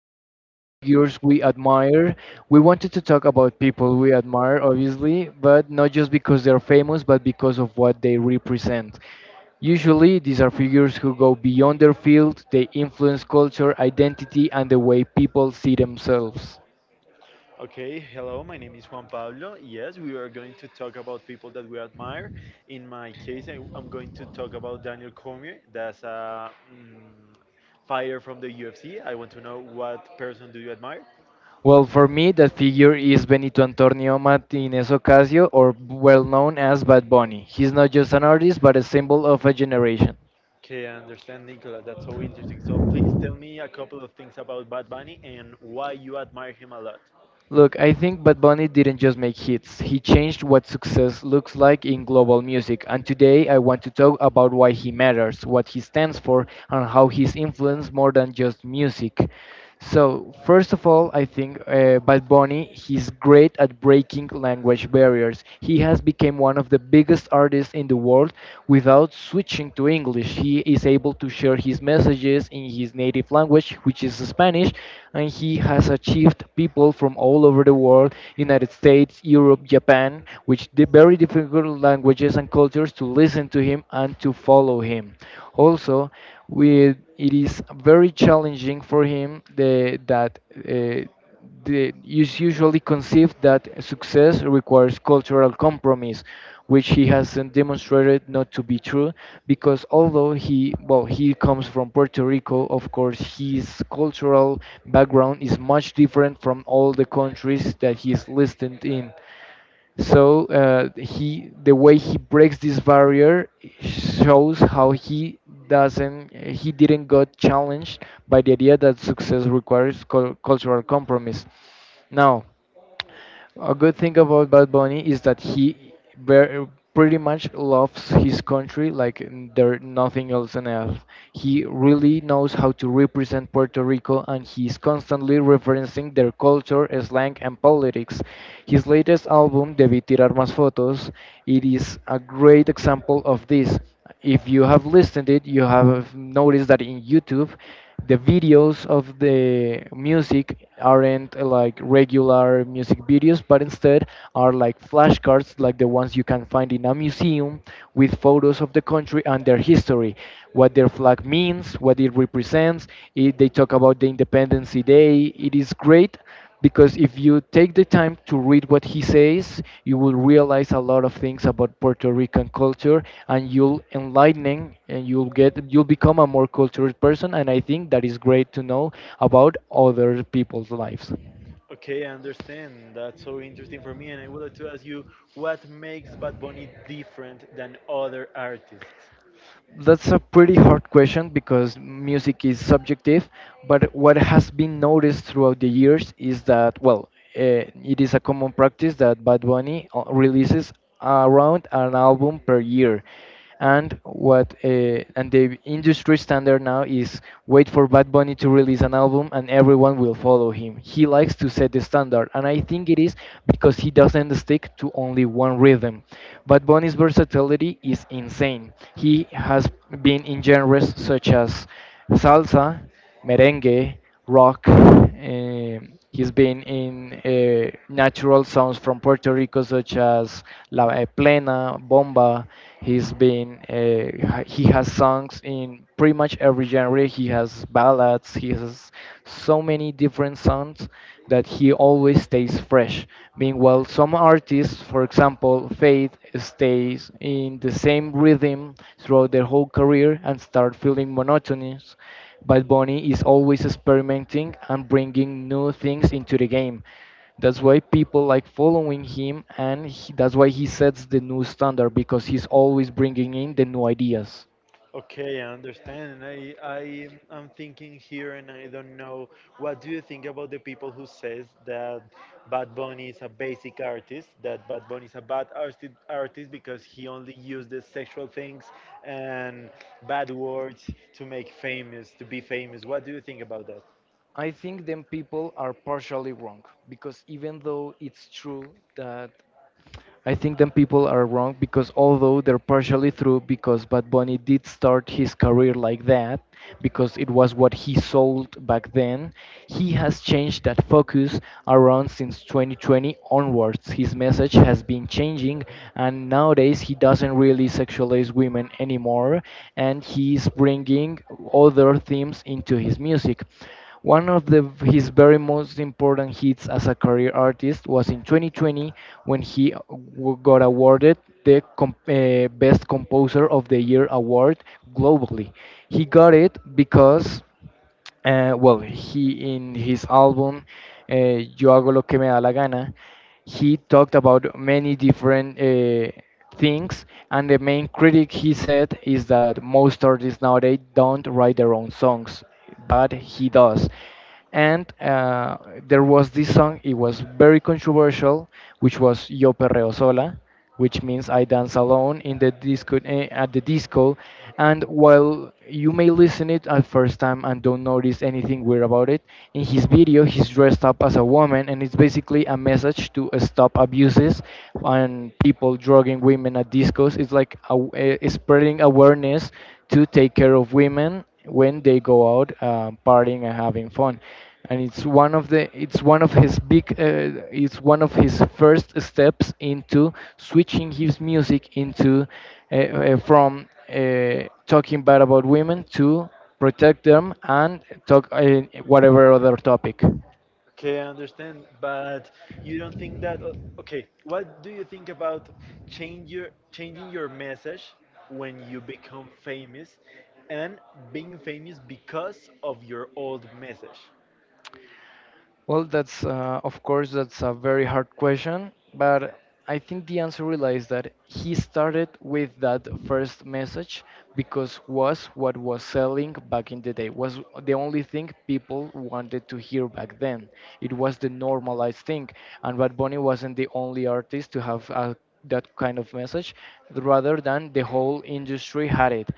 called Figures We Admire, we wanted to talk about people we admire, obviously, but not just because they're famous, but because of what they represent. Usually, these are figures who go beyond their field, they influence culture, identity, and the way people see themselves. Okay, hello, my name is Juan Pablo. Yes, we are going to talk about people that we admire. In my case, am going to talk about Daniel Cormier. That's a fighter from the UFC. I want to know what person do you admire? Well, for me, that figure is Benito Antonio Martinez Ocasio, or well known as Bad Bunny. He's not just an artist, but a symbol of a generation. Okay, I understand, Nicola. That's so interesting. So please tell me a couple of things about Bad Bunny and why you admire him a lot. Look, I think Bad Bunny didn't just make hits. He changed what success looks like in global music. And today I want to talk about why he matters, what he stands for, and how he's influenced more than just music. So, first of all, I think Bad Bunny, he's great at breaking language barriers. He has become one of the biggest artists in the world without switching to English. He is able to share his messages in his native language, which is Spanish, and he has achieved people from all over the world, United States, Europe, Japan, which the very difficult languages and cultures to listen to him and to follow him. Also, it is very challenging for him the, that. The, is usually conceived that success requires cultural compromise, which he hasn't demonstrated not to be true. Because although he, well, he comes from Puerto Rico, of course, his cultural background is much different from all the countries that he's listed in. So the way he breaks this barrier shows how he doesn't, he didn't got challenged by the idea that success requires cultural compromise. Now, a good thing about Bad Bunny is that he ver- pretty much loves his country like there nothing else on earth. He really knows how to represent Puerto Rico and he's constantly referencing their culture, slang, and politics. His latest album, Debí Tirar Más Fotos, it is a great example of this. If you have listened it, you have noticed that in YouTube, the videos of the music aren't like regular music videos, but instead are like flashcards, like the ones you can find in a museum with photos of the country and their history, what their flag means, what it represents. They talk about the Independence Day. It is great because if you take the time to read what he says, you will realize a lot of things about Puerto Rican culture, and you'll enlightening, and you'll become a more cultured person, and I think that is great to know about other people's lives. Okay, I understand. That's so interesting for me, and I would like to ask you what makes Bad Bunny different than other artists. That's a pretty hard question because music is subjective, but what has been noticed throughout the years is that, well, it is a common practice that Bad Bunny releases around an album per year. And what and the industry standard now is wait for Bad Bunny to release an album and everyone will follow him. He likes to set the standard, and I think it is because he doesn't stick to only one rhythm. But Bunny's versatility is insane. He has been in genres such as salsa, merengue, rock. He's been in natural sounds from Puerto Rico, such as La Plena, Bomba. He's been he has songs in pretty much every genre. He has ballads. He has so many different sounds that he always stays fresh. Meanwhile, some artists, for example, Faith, stays in the same rhythm throughout their whole career and start feeling monotonous. But Bunny is always experimenting and bringing new things into the game. That's why people like following him, and that's why he sets the new standard because he's always bringing in the new ideas. Okay, I understand. I am thinking here, and I don't know. What do you think about the people who says that Bad Bunny is a basic artist? That Bad Bunny is a bad artist because he only uses sexual things and bad words to make famous, to be famous. What do you think about that? I think them people are partially wrong because even though it's true that I think them people are wrong because although they're partially true because Bad Bunny did start his career like that because it was what he sold back then, he has changed that focus around since 2020 onwards. His message has been changing and nowadays he doesn't really sexualize women anymore and he's bringing other themes into his music. One of his very most important hits as a career artist was in 2020 when he got awarded the Best Composer of the Year award globally. He got it because he in his album uh, Yo hago lo que me da la gana, he talked about many different things, and the main critic he said is that most artists nowadays don't write their own songs, but he does and there was this song, it was very controversial, which was Yo Perreo Sola, which means I dance alone in the disco, at the disco. And while you may listen it at first time and don't notice anything weird about it, in his video he's dressed up as a woman and it's basically a message to stop abuses and people drugging women at discos. It's like spreading awareness to take care of women when they go out partying and having fun. And it's one of the, it's one of his first steps into switching his music into from talking bad about women to protect them and talk whatever other topic. Okay, I understand, but you don't think that okay, what do you think about change your changing your message when you become famous and being famous because of your old message? Well, that's of course that's a very hard question, but I think the answer relies that he started with that first message because was what was selling back in the day, was the only thing people wanted to hear back then. It was the normalized thing, and Bad Bunny wasn't the only artist to have that kind of message. Rather than the whole industry had it,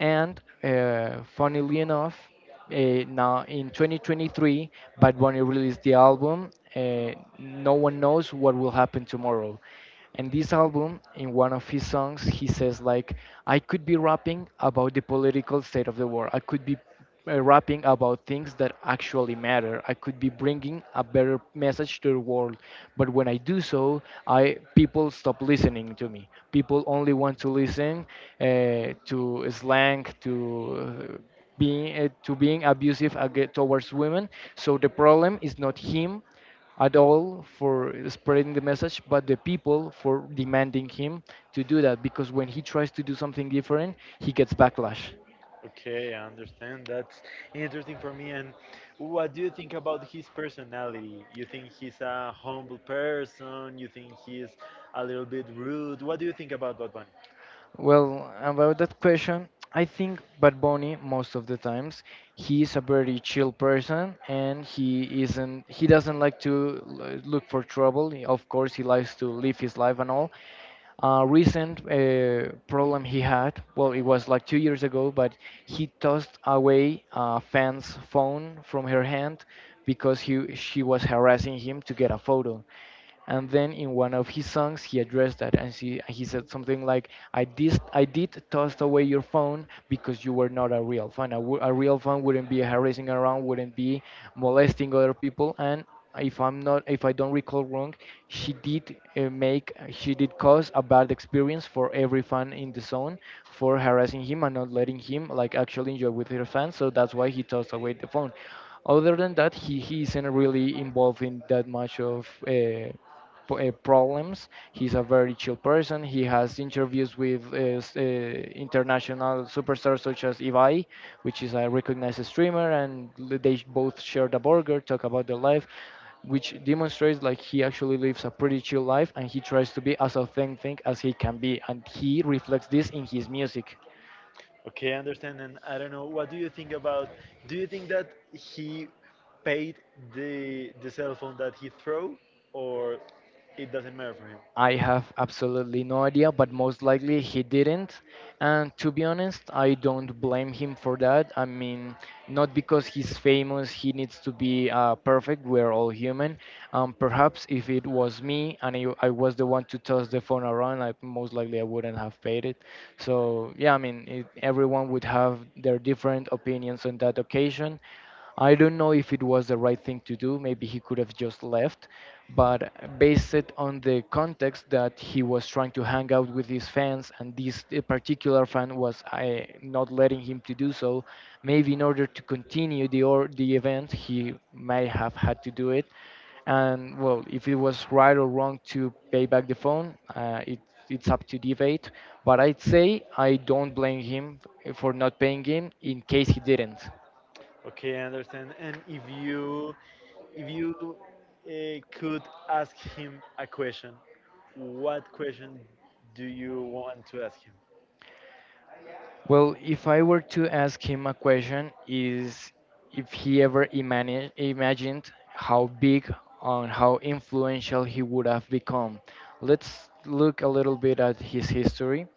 and funnily enough, uh, now in 2023 Bad Bunny released the album, uh, no one knows what will happen tomorrow, and this album, in one of his songs he says like, I could be rapping about the political state of the world, I could be rapping about things that actually matter, I could be bringing a better message to the world, but when I do so, I people stop listening to me, people only want to listen to slang, to being abusive aga towards women. So the problem is not him at all for spreading the message, but the people for demanding him to do that. Because when he tries to do something different, he gets backlash. Okay, I understand. That's interesting for me. And what do you think about his personality? You think he's a humble person? You think he's a little bit rude? What do you think about Bad Bunny? Well, about that question, I think Bad Bunny most of the times he is a very chill person and he doesn't like to look for trouble. Of course, he likes to live his life and all. Recent problem he had, well, it was like 2 years ago, but he tossed away a fan's phone from her hand because he she was harassing him to get a photo. And then in one of his songs, he addressed that, and he said something like, I did toss away your phone because you were not a real fan. A real fan wouldn't be harassing around, wouldn't be molesting other people." And if I don't recall wrong, she did she did cause a bad experience for every fan in the zone for harassing him and not letting him like actually enjoy with her fans. So that's why he tossed away the phone. Other than that, he isn't really involved in that much of problems. He's a very chill person. He has interviews with international superstars such as Ivai, which is a recognized streamer, and both share the burger, talk about their life, which demonstrates like he actually lives a pretty chill life and he tries to be as authentic as he can be, and he reflects this in his music. Okay, I understand. And I don't know, what do you think about? Do you think that he paid the cell phone that he threw, or it doesn't matter for him? I have absolutely no idea, but most likely he didn't. And to be honest, I don't blame him for that. I mean, not because he's famous, he needs to be perfect. We're all human. Perhaps if it was me and I was the one to toss the phone around, I most likely I wouldn't have paid it. So yeah, I mean, everyone would have their different opinions on that occasion. I don't know if it was the right thing to do. Maybe he could have just left, but based it on the context that he was trying to hang out with his fans, and this particular fan was not letting him to do so, maybe in order to continue the event, he may have had to do it. And well, if it was right or wrong to pay back the phone, it's up to debate. But I'd say I don't blame him for not paying him in case he didn't. Okay, I understand. And if you could ask him a question, what question do you want to ask him? Well, if I were to ask him a question, is if he ever imagined how big and how influential he would have become. Let's look a little bit at his history.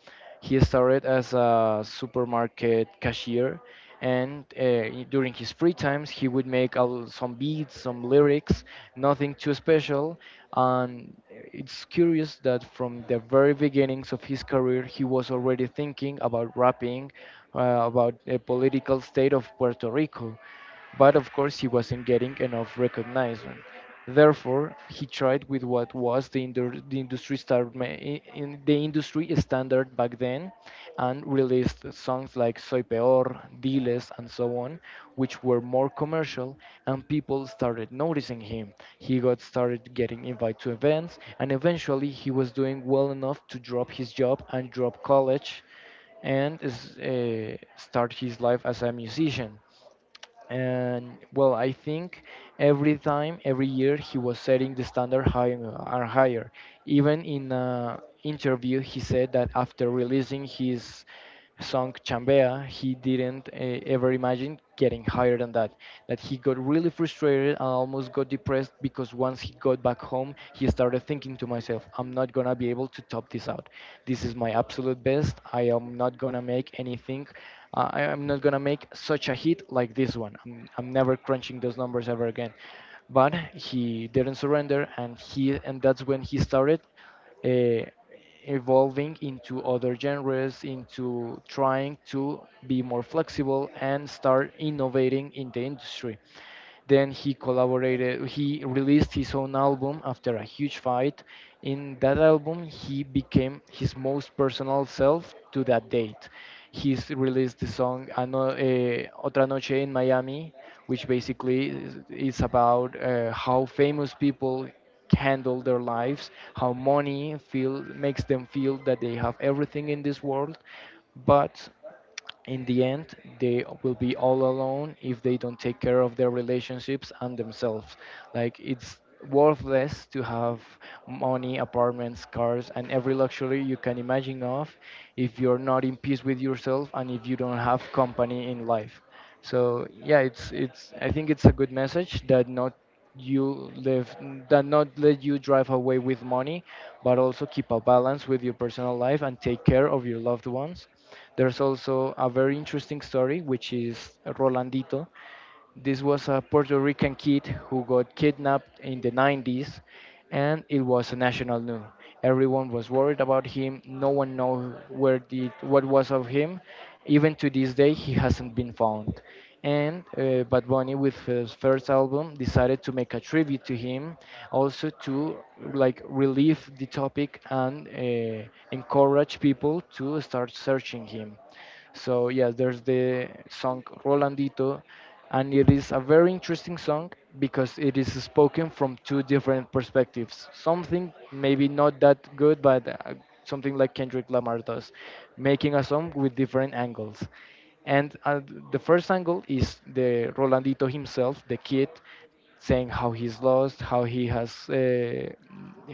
He started as a supermarket cashier, and during his free times, he would make a l some beats, some lyrics, nothing too special. And it's curious that from the very beginnings of his career, he was already thinking about rapping, uh, about the political state of Puerto Rico, but of course he wasn't getting enough recognition. Therefore, he tried with what was the, indu- the industry star- ma- I- in the industry standard back then, and released songs like Soy Peor, Diles, and so on, which were more commercial, and people started noticing him. He got started getting invited to events, and eventually he was doing well enough to drop his job and drop college and start his life as a musician. And well, I think every year he was setting the standard higher and higher. Even in an interview, he said that after releasing his song Chambea, he didn't ever imagine getting higher than that, that he got really frustrated and almost got depressed because once he got back home, he started thinking to myself, I'm not gonna be able to top this out. This is my absolute best. I am not gonna make anything. I am not gonna make such a hit like this one. I'm never crunching those numbers ever again. But he didn't surrender, and he and that's when he started uh, evolving into other genres, into trying to be more flexible and start innovating in the industry. Then he collaborated, he released his own album after a huge fight. In that album, he became his most personal self to that date. He's released the song Otra Noche in Miami, which basically is about how famous people handle their lives, how money feel makes them feel that they have everything in this world, but in the end, they will be all alone if they don't take care of their relationships and themselves. Like, it's worthless to have money, apartments, cars, and every luxury you can imagine of if you're not in peace with yourself and if you don't have company in life. So yeah, it's it's. I think it's a good message that you live not let you drive away with money, but also keep a balance with your personal life and take care of your loved ones. There's also a very interesting story, which is Rolandito. This was a Puerto Rican kid who got kidnapped in the 90s, and it was a national news. Everyone was worried about him. No one knew where the what was of him. Even to this day, he hasn't been found. And Bad Bunny, with his first album, decided to make a tribute to him, also to like relieve the topic and encourage people to start searching him. So yes, there's the song Rolandito, and it is a very interesting song because it is spoken from two different perspectives. Something maybe not that good, but something like Kendrick Lamar does, making a song with different angles. And the first angle is the Rolandito himself, the kid, saying how he's lost,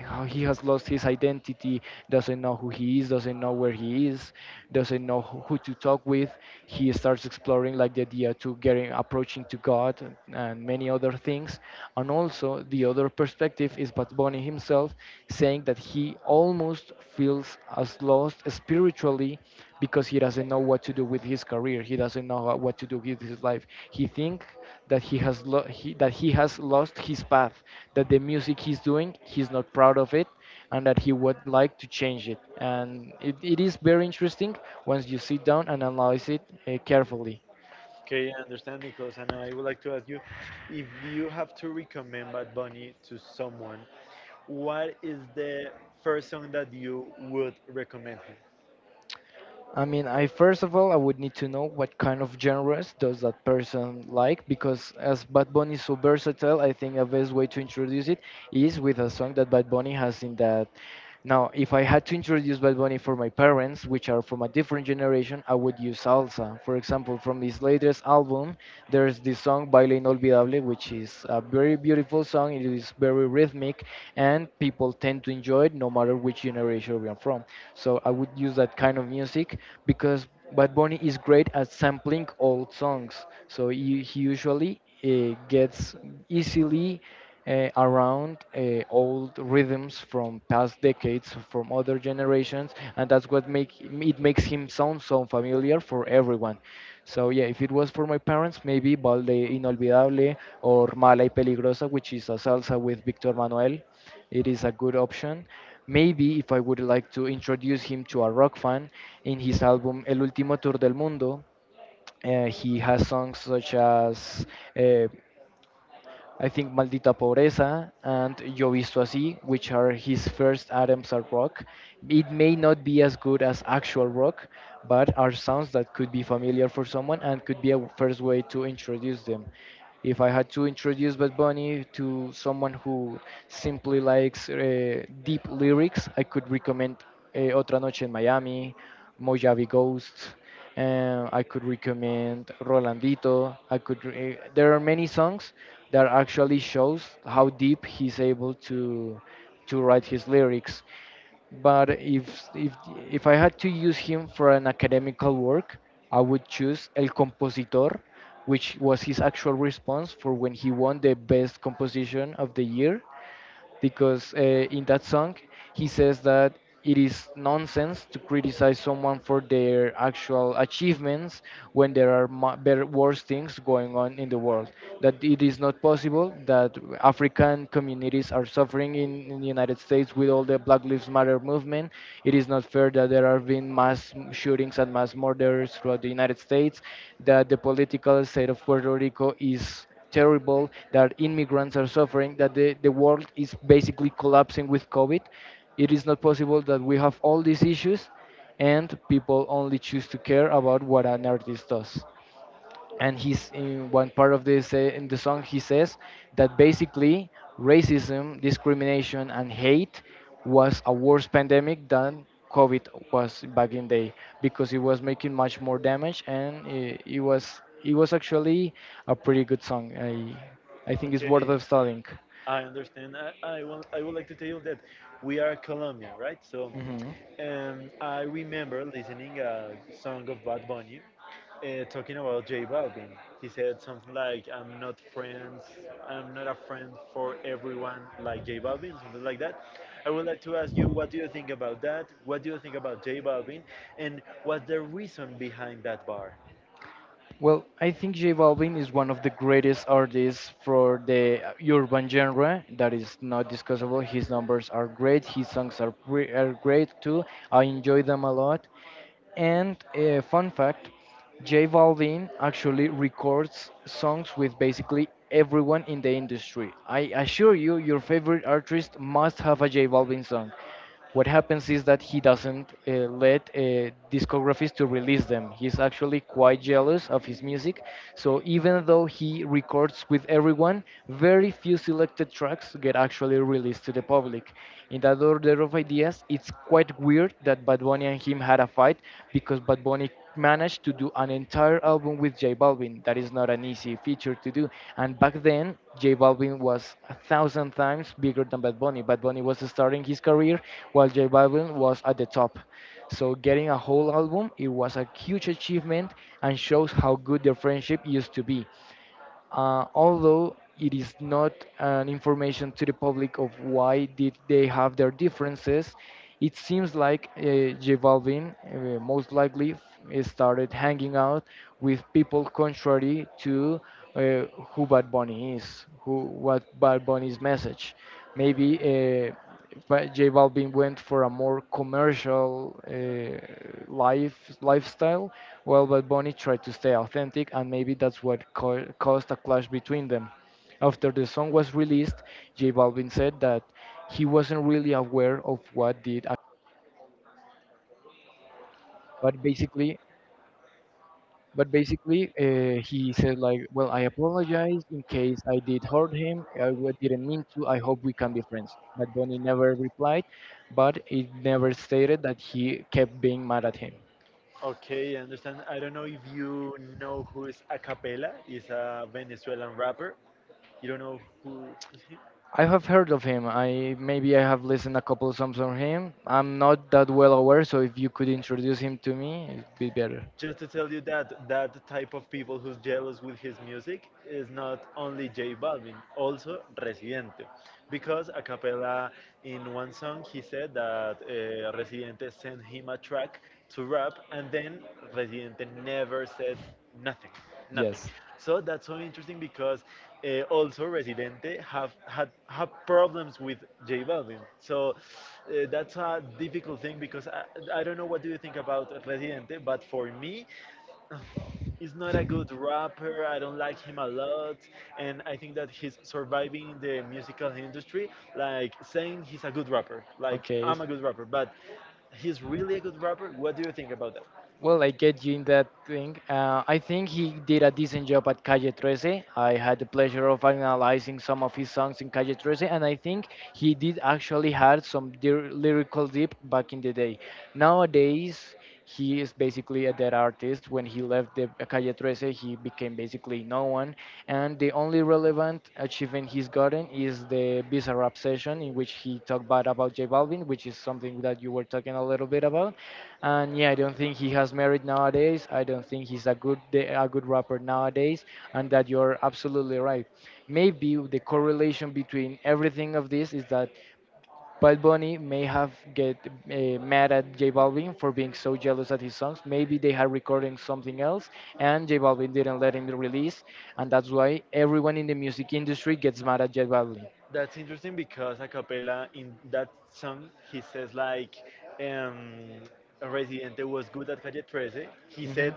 how he has lost his identity, doesn't know who he is, doesn't know where he is, doesn't know who to talk with. He starts exploring like the idea to getting approaching to God and many other things. And also the other perspective is Bad Bunny himself, saying that he almost feels as lost spiritually because he doesn't know what to do with his career. He doesn't know what to do with his life. He think that he has lo- he, that he has lost his path. That the music he's doing, he's not proud of it, and that he would like to change it. And it is very interesting once you sit down and analyze it carefully. Okay, I understand, Nicholas. And I would like to ask you if you have to recommend Bad Bunny to someone, what is the first song that you would recommend him? I mean, I first of all, I would need to know what kind of genres does that person like, because as Bad Bunny is so versatile, I think a best way to introduce it is with a song that Bad Bunny has in that. Now, if I had to introduce Bad Bunny for my parents, which are from a different generation, I would use salsa. For example, from his latest album, there's this song Baile Inolvidable, which is a very beautiful song. It is very rhythmic, and people tend to enjoy it no matter which generation we are from. So I would use that kind of music because Bad Bunny is great at sampling old songs. So he usually gets easily around old rhythms from past decades, from other generations, and that's what makes him sound so familiar for everyone. So yeah, if it was for my parents, maybe Balde Inolvidable or Mala y Peligrosa, which is a salsa with Victor Manuel, it is a good option. Maybe if I would like to introduce him to a rock fan, in his album El Último Tour del Mundo, he has songs such as uh, I think Maldita Pobreza and Yo Visto Así, which are his first items are rock. It may not be as good as actual rock, but are sounds that could be familiar for someone and could be a first way to introduce them. If I had to introduce Bad Bunny to someone who simply likes deep lyrics, I could recommend Otra Noche en Miami, Mojave Ghost. I could recommend Rolandito. There are many songs that actually shows how deep he's able to write his lyrics. But if I had to use him for an academical work, I would choose El Compositor, which was his actual response for when he won the best composition of the year because in that song he says that it is nonsense to criticize someone for their actual achievements when there are mu- better worse things going on in the world, that it is not possible that African communities are suffering in the United States with all the Black Lives Matter movement, it is not fair that there have been shootings and mass murders throughout the United States, that the political state of Puerto Rico is terrible, that immigrants are suffering, that the world is basically collapsing with COVID. It is not possible that we have all these issues and people only choose to care about what an artist does. And he's in one part of this in the song he says that basically racism, discrimination and hate was a worse pandemic than COVID was back in day because it was making much more damage, and it was actually a pretty good song. I think it's worth Okay, of studying. I understand. I would like to tell you that we are Colombian, right? So Hmm. I remember listening a song of Bad Bunny talking about J Balvin. He said something like, "I'm not friends, I'm not a friend for everyone like J Balvin," something like that. I would like to ask you, what do you think about that? What do you think about J Balvin? And what's the reason behind that bar? Well, I think J Balvin is one of the greatest artists for the urban genre. That is not discussable. His numbers are great. His songs are, are great too. I enjoy them a lot. And fun fact, J Balvin actually records songs with basically everyone in the industry. I assure you, your favorite artist must have a J Balvin song. What happens is that he doesn't let discographies to release them. He's actually quite jealous of his music. So even though he records with everyone, very few selected tracks get actually released to the public. In that order of ideas, it's quite weird that Bad Bunny and him had a fight because Bad Bunny managed to do an entire album with J Balvin. That is not an easy feature to do. And back then, J Balvin was a thousand times bigger than Bad Bunny. Bad Bunny was starting his career while J Balvin was at the top. So getting a whole album, it was a huge achievement and shows how good their friendship used to be. Although it is not an information to the public of why did they have their differences, it seems like J Balvin most likely started hanging out with people contrary to uh, who Bad Bunny is, who what Bad Bunny's message. Maybe uh, but J Balvin went for a more commercial lifestyle, while Bad Bunny tried to stay authentic, and maybe that's what caused a clash between them. After the song was released, J Balvin said that he wasn't really aware of what did actually Okay, I understand. I don't know if you know who is Acapella. He's a Venezuelan rapper. You don't know who's he? Just to tell you that that type of people who's jealous with his music is not only J Balvin, also Residente. Because Acapella, in one song, he said that Residente sent him a track to rap, and then Residente never said nothing nothing. So that's so interesting because also Residente have problems with J Balvin, so that's a difficult thing because I don't know what do you think about Residente, but for me he's not a good rapper. I don't like him a lot, and I think that he's surviving in the musical industry like saying he's a good rapper, like I'm a good rapper, but he's really a good rapper. What do you think about that? That's interesting because a cappella in that song he says like um Residente was good at Calle 13. He said,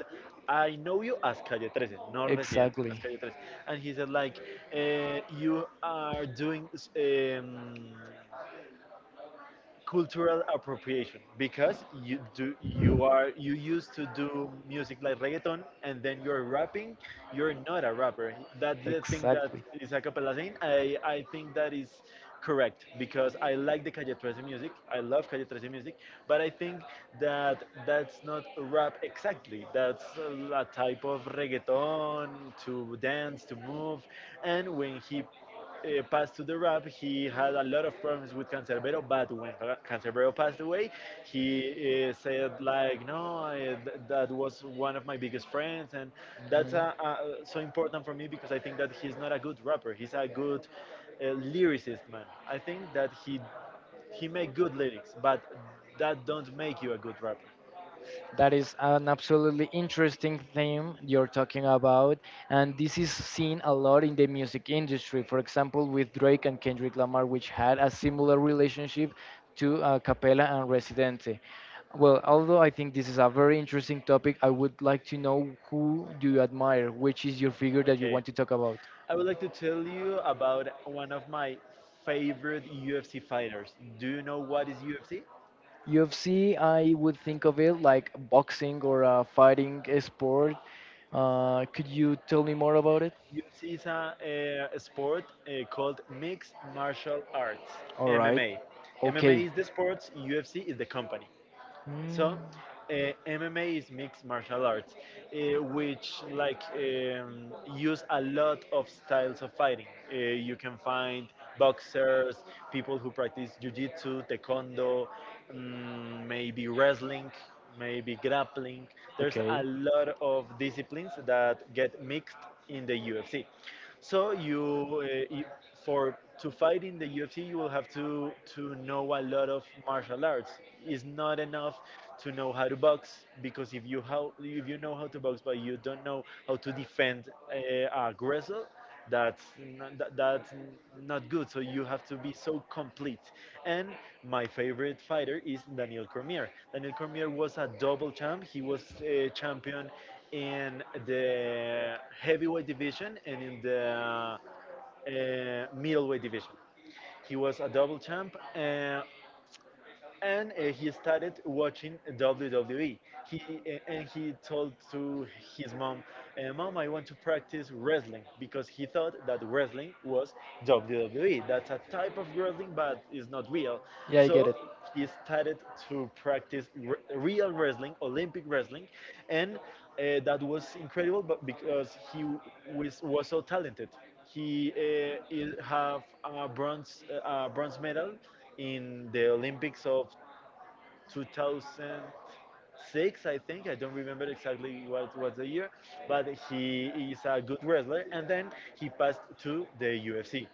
"I know you as Calle 13, not Residente, as Calle 13." And he said like you are doing cultural appropriation because you used to do music like reggaeton and then you're rapping, you're not a rapper. That's the thing that is a cappella saying. I think that is correct because I like the Calle 13 music, I love Calle 13 music, but I think that that's not rap exactly, that's a type of reggaeton to dance, to move. And when he passed to the rap, he had a lot of problems with Cancerbero. But when Cancerbero passed away, he said like, "No, that was one of my biggest friends," and that's so important for me because I think that he's not a good rapper. He's a good uh, lyricist, man. I think that he make good lyrics, but that don't make you a good rapper. Okay. I would like to tell you about one of my favorite UFC fighters. Do you know what is UFC? UFC is a sport called mixed martial arts, MMA. MMA is the sports, UFC is the company. So, uh, MMA is mixed martial arts, which like use a lot of styles of fighting. You can find boxers, people who practice jiu-jitsu, taekwondo, maybe wrestling, maybe grappling. There's a lot of disciplines that get mixed in the UFC. So you, you for to fight in the UFC, you will have to know a lot of martial arts. It's not enough to know how to box, because if you know how to box but you don't know how to defend a aggressor, that's n- th- that's n- not good. So you have to be so complete. And my favorite fighter is Daniel Cormier. Daniel Cormier was a double champ. He was a champion in the heavyweight division and in the middleweight division. He was a double champ. And He started watching WWE. He and he told to his mom, "Mom, I want to practice wrestling," because he thought that wrestling was WWE. That's a type of wrestling, but it's not real. So he started to practice real wrestling, Olympic wrestling, and that was incredible. But because he was so talented, he have a bronze medal in the Olympics of 2006, I think. I don't remember exactly what was the year, but he is a good wrestler. And then he passed to the UFC.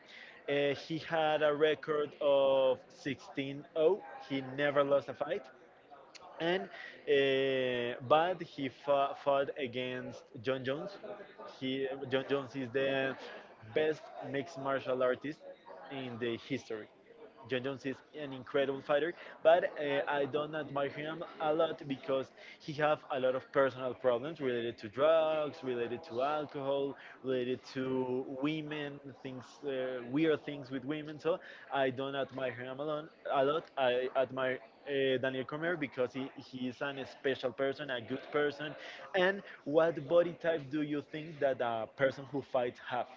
He had a record of 16-0. He never lost a fight, and but he fought against John Jones. He John Jones is the best mixed martial artist in the history. John Jones is an incredible fighter, but I don't admire him a lot because he have a lot of personal problems related to drugs, related to alcohol, related to women, things weird things with women. So I don't admire him a lot. I admire Daniel Cormier because he is an special person, a good person. And what body type do you think that a person who fights have?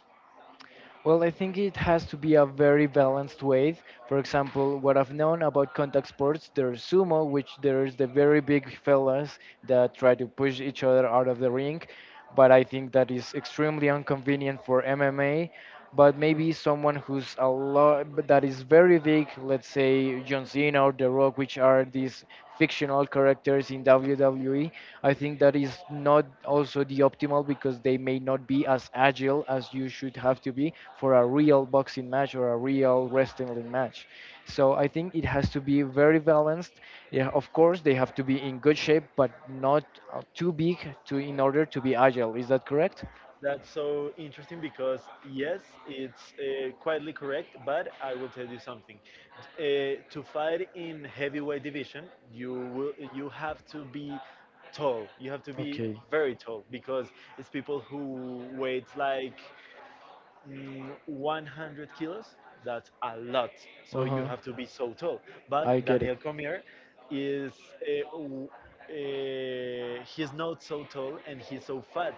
That's so interesting because yes, it's quietly correct, but I will tell you something. To fight in heavyweight division, you have to be tall. You have to be very tall because it's people who weight like 100 kilos. That's a lot. So you have to be so tall. But Daniel Cormier is uh, w- he's not so tall and he's so fat.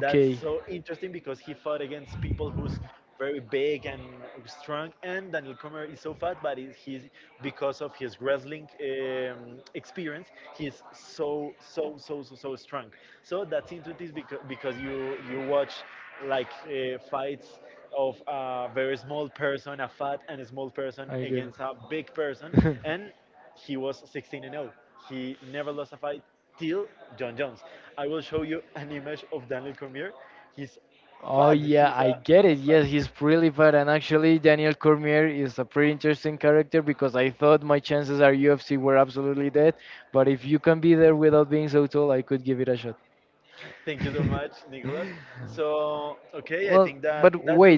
That's so interesting because he fought against people who's very big and strong, and Daniel Comer is so fat, but he's, because of his wrestling experience, he's so so so so so strong. So that's interesting because you watch like fights of a very small person, a fat and a small person against a big person. And he was 16-0. He never lost a fight till John Jones. I will show you an image of Daniel Cormier. He's fat. He's a fat. Thank you so much, Nicholas. So, okay, I think that that's the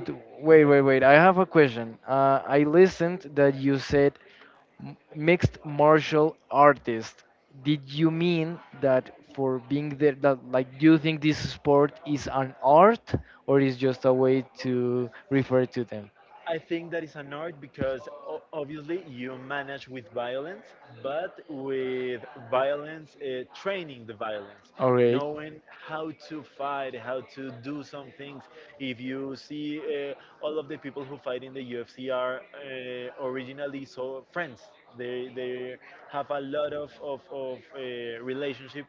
I think that is an art because obviously you manage with violence, but with violence, training the violence, knowing how to fight, how to do some things. If you see all of the people who fight in the UFC are originally so friends. They have a lot of relationship,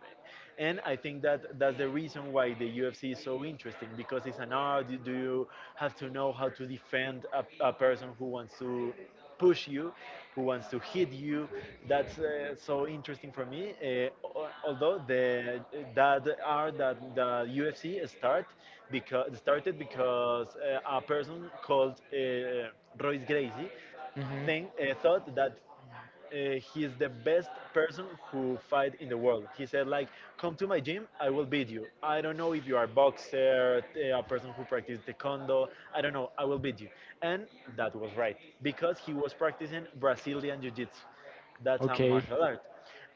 and I think that that's the reason why the UFC is so interesting because it's an art. You have to know how to defend a person who wants to push you, who wants to hit you. That's so interesting for me. Although the that art that the UFC started because a person called Royce Gracie think thought that he's the best person who fight in the world. He said like, "Come to my gym, I will beat you. I don't know if you are a boxer, a person who practices taekwondo. I don't know. I will beat you." And that was right because he was practicing Brazilian jiu-jitsu. That's a martial art.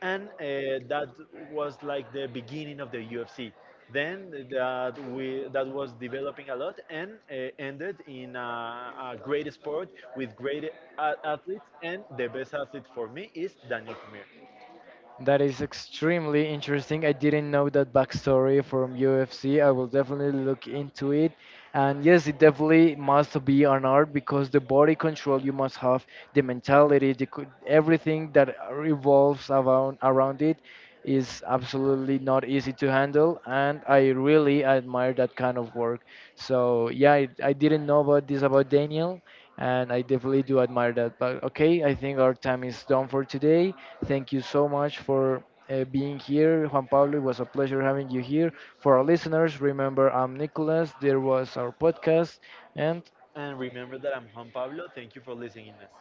And that was like the beginning of the UFC. Then that was developing a lot and ended in a great sport with great athletes. And the best athlete for me is Daniel Cormier. And remember that I'm Juan Pablo. Thank you for listening us.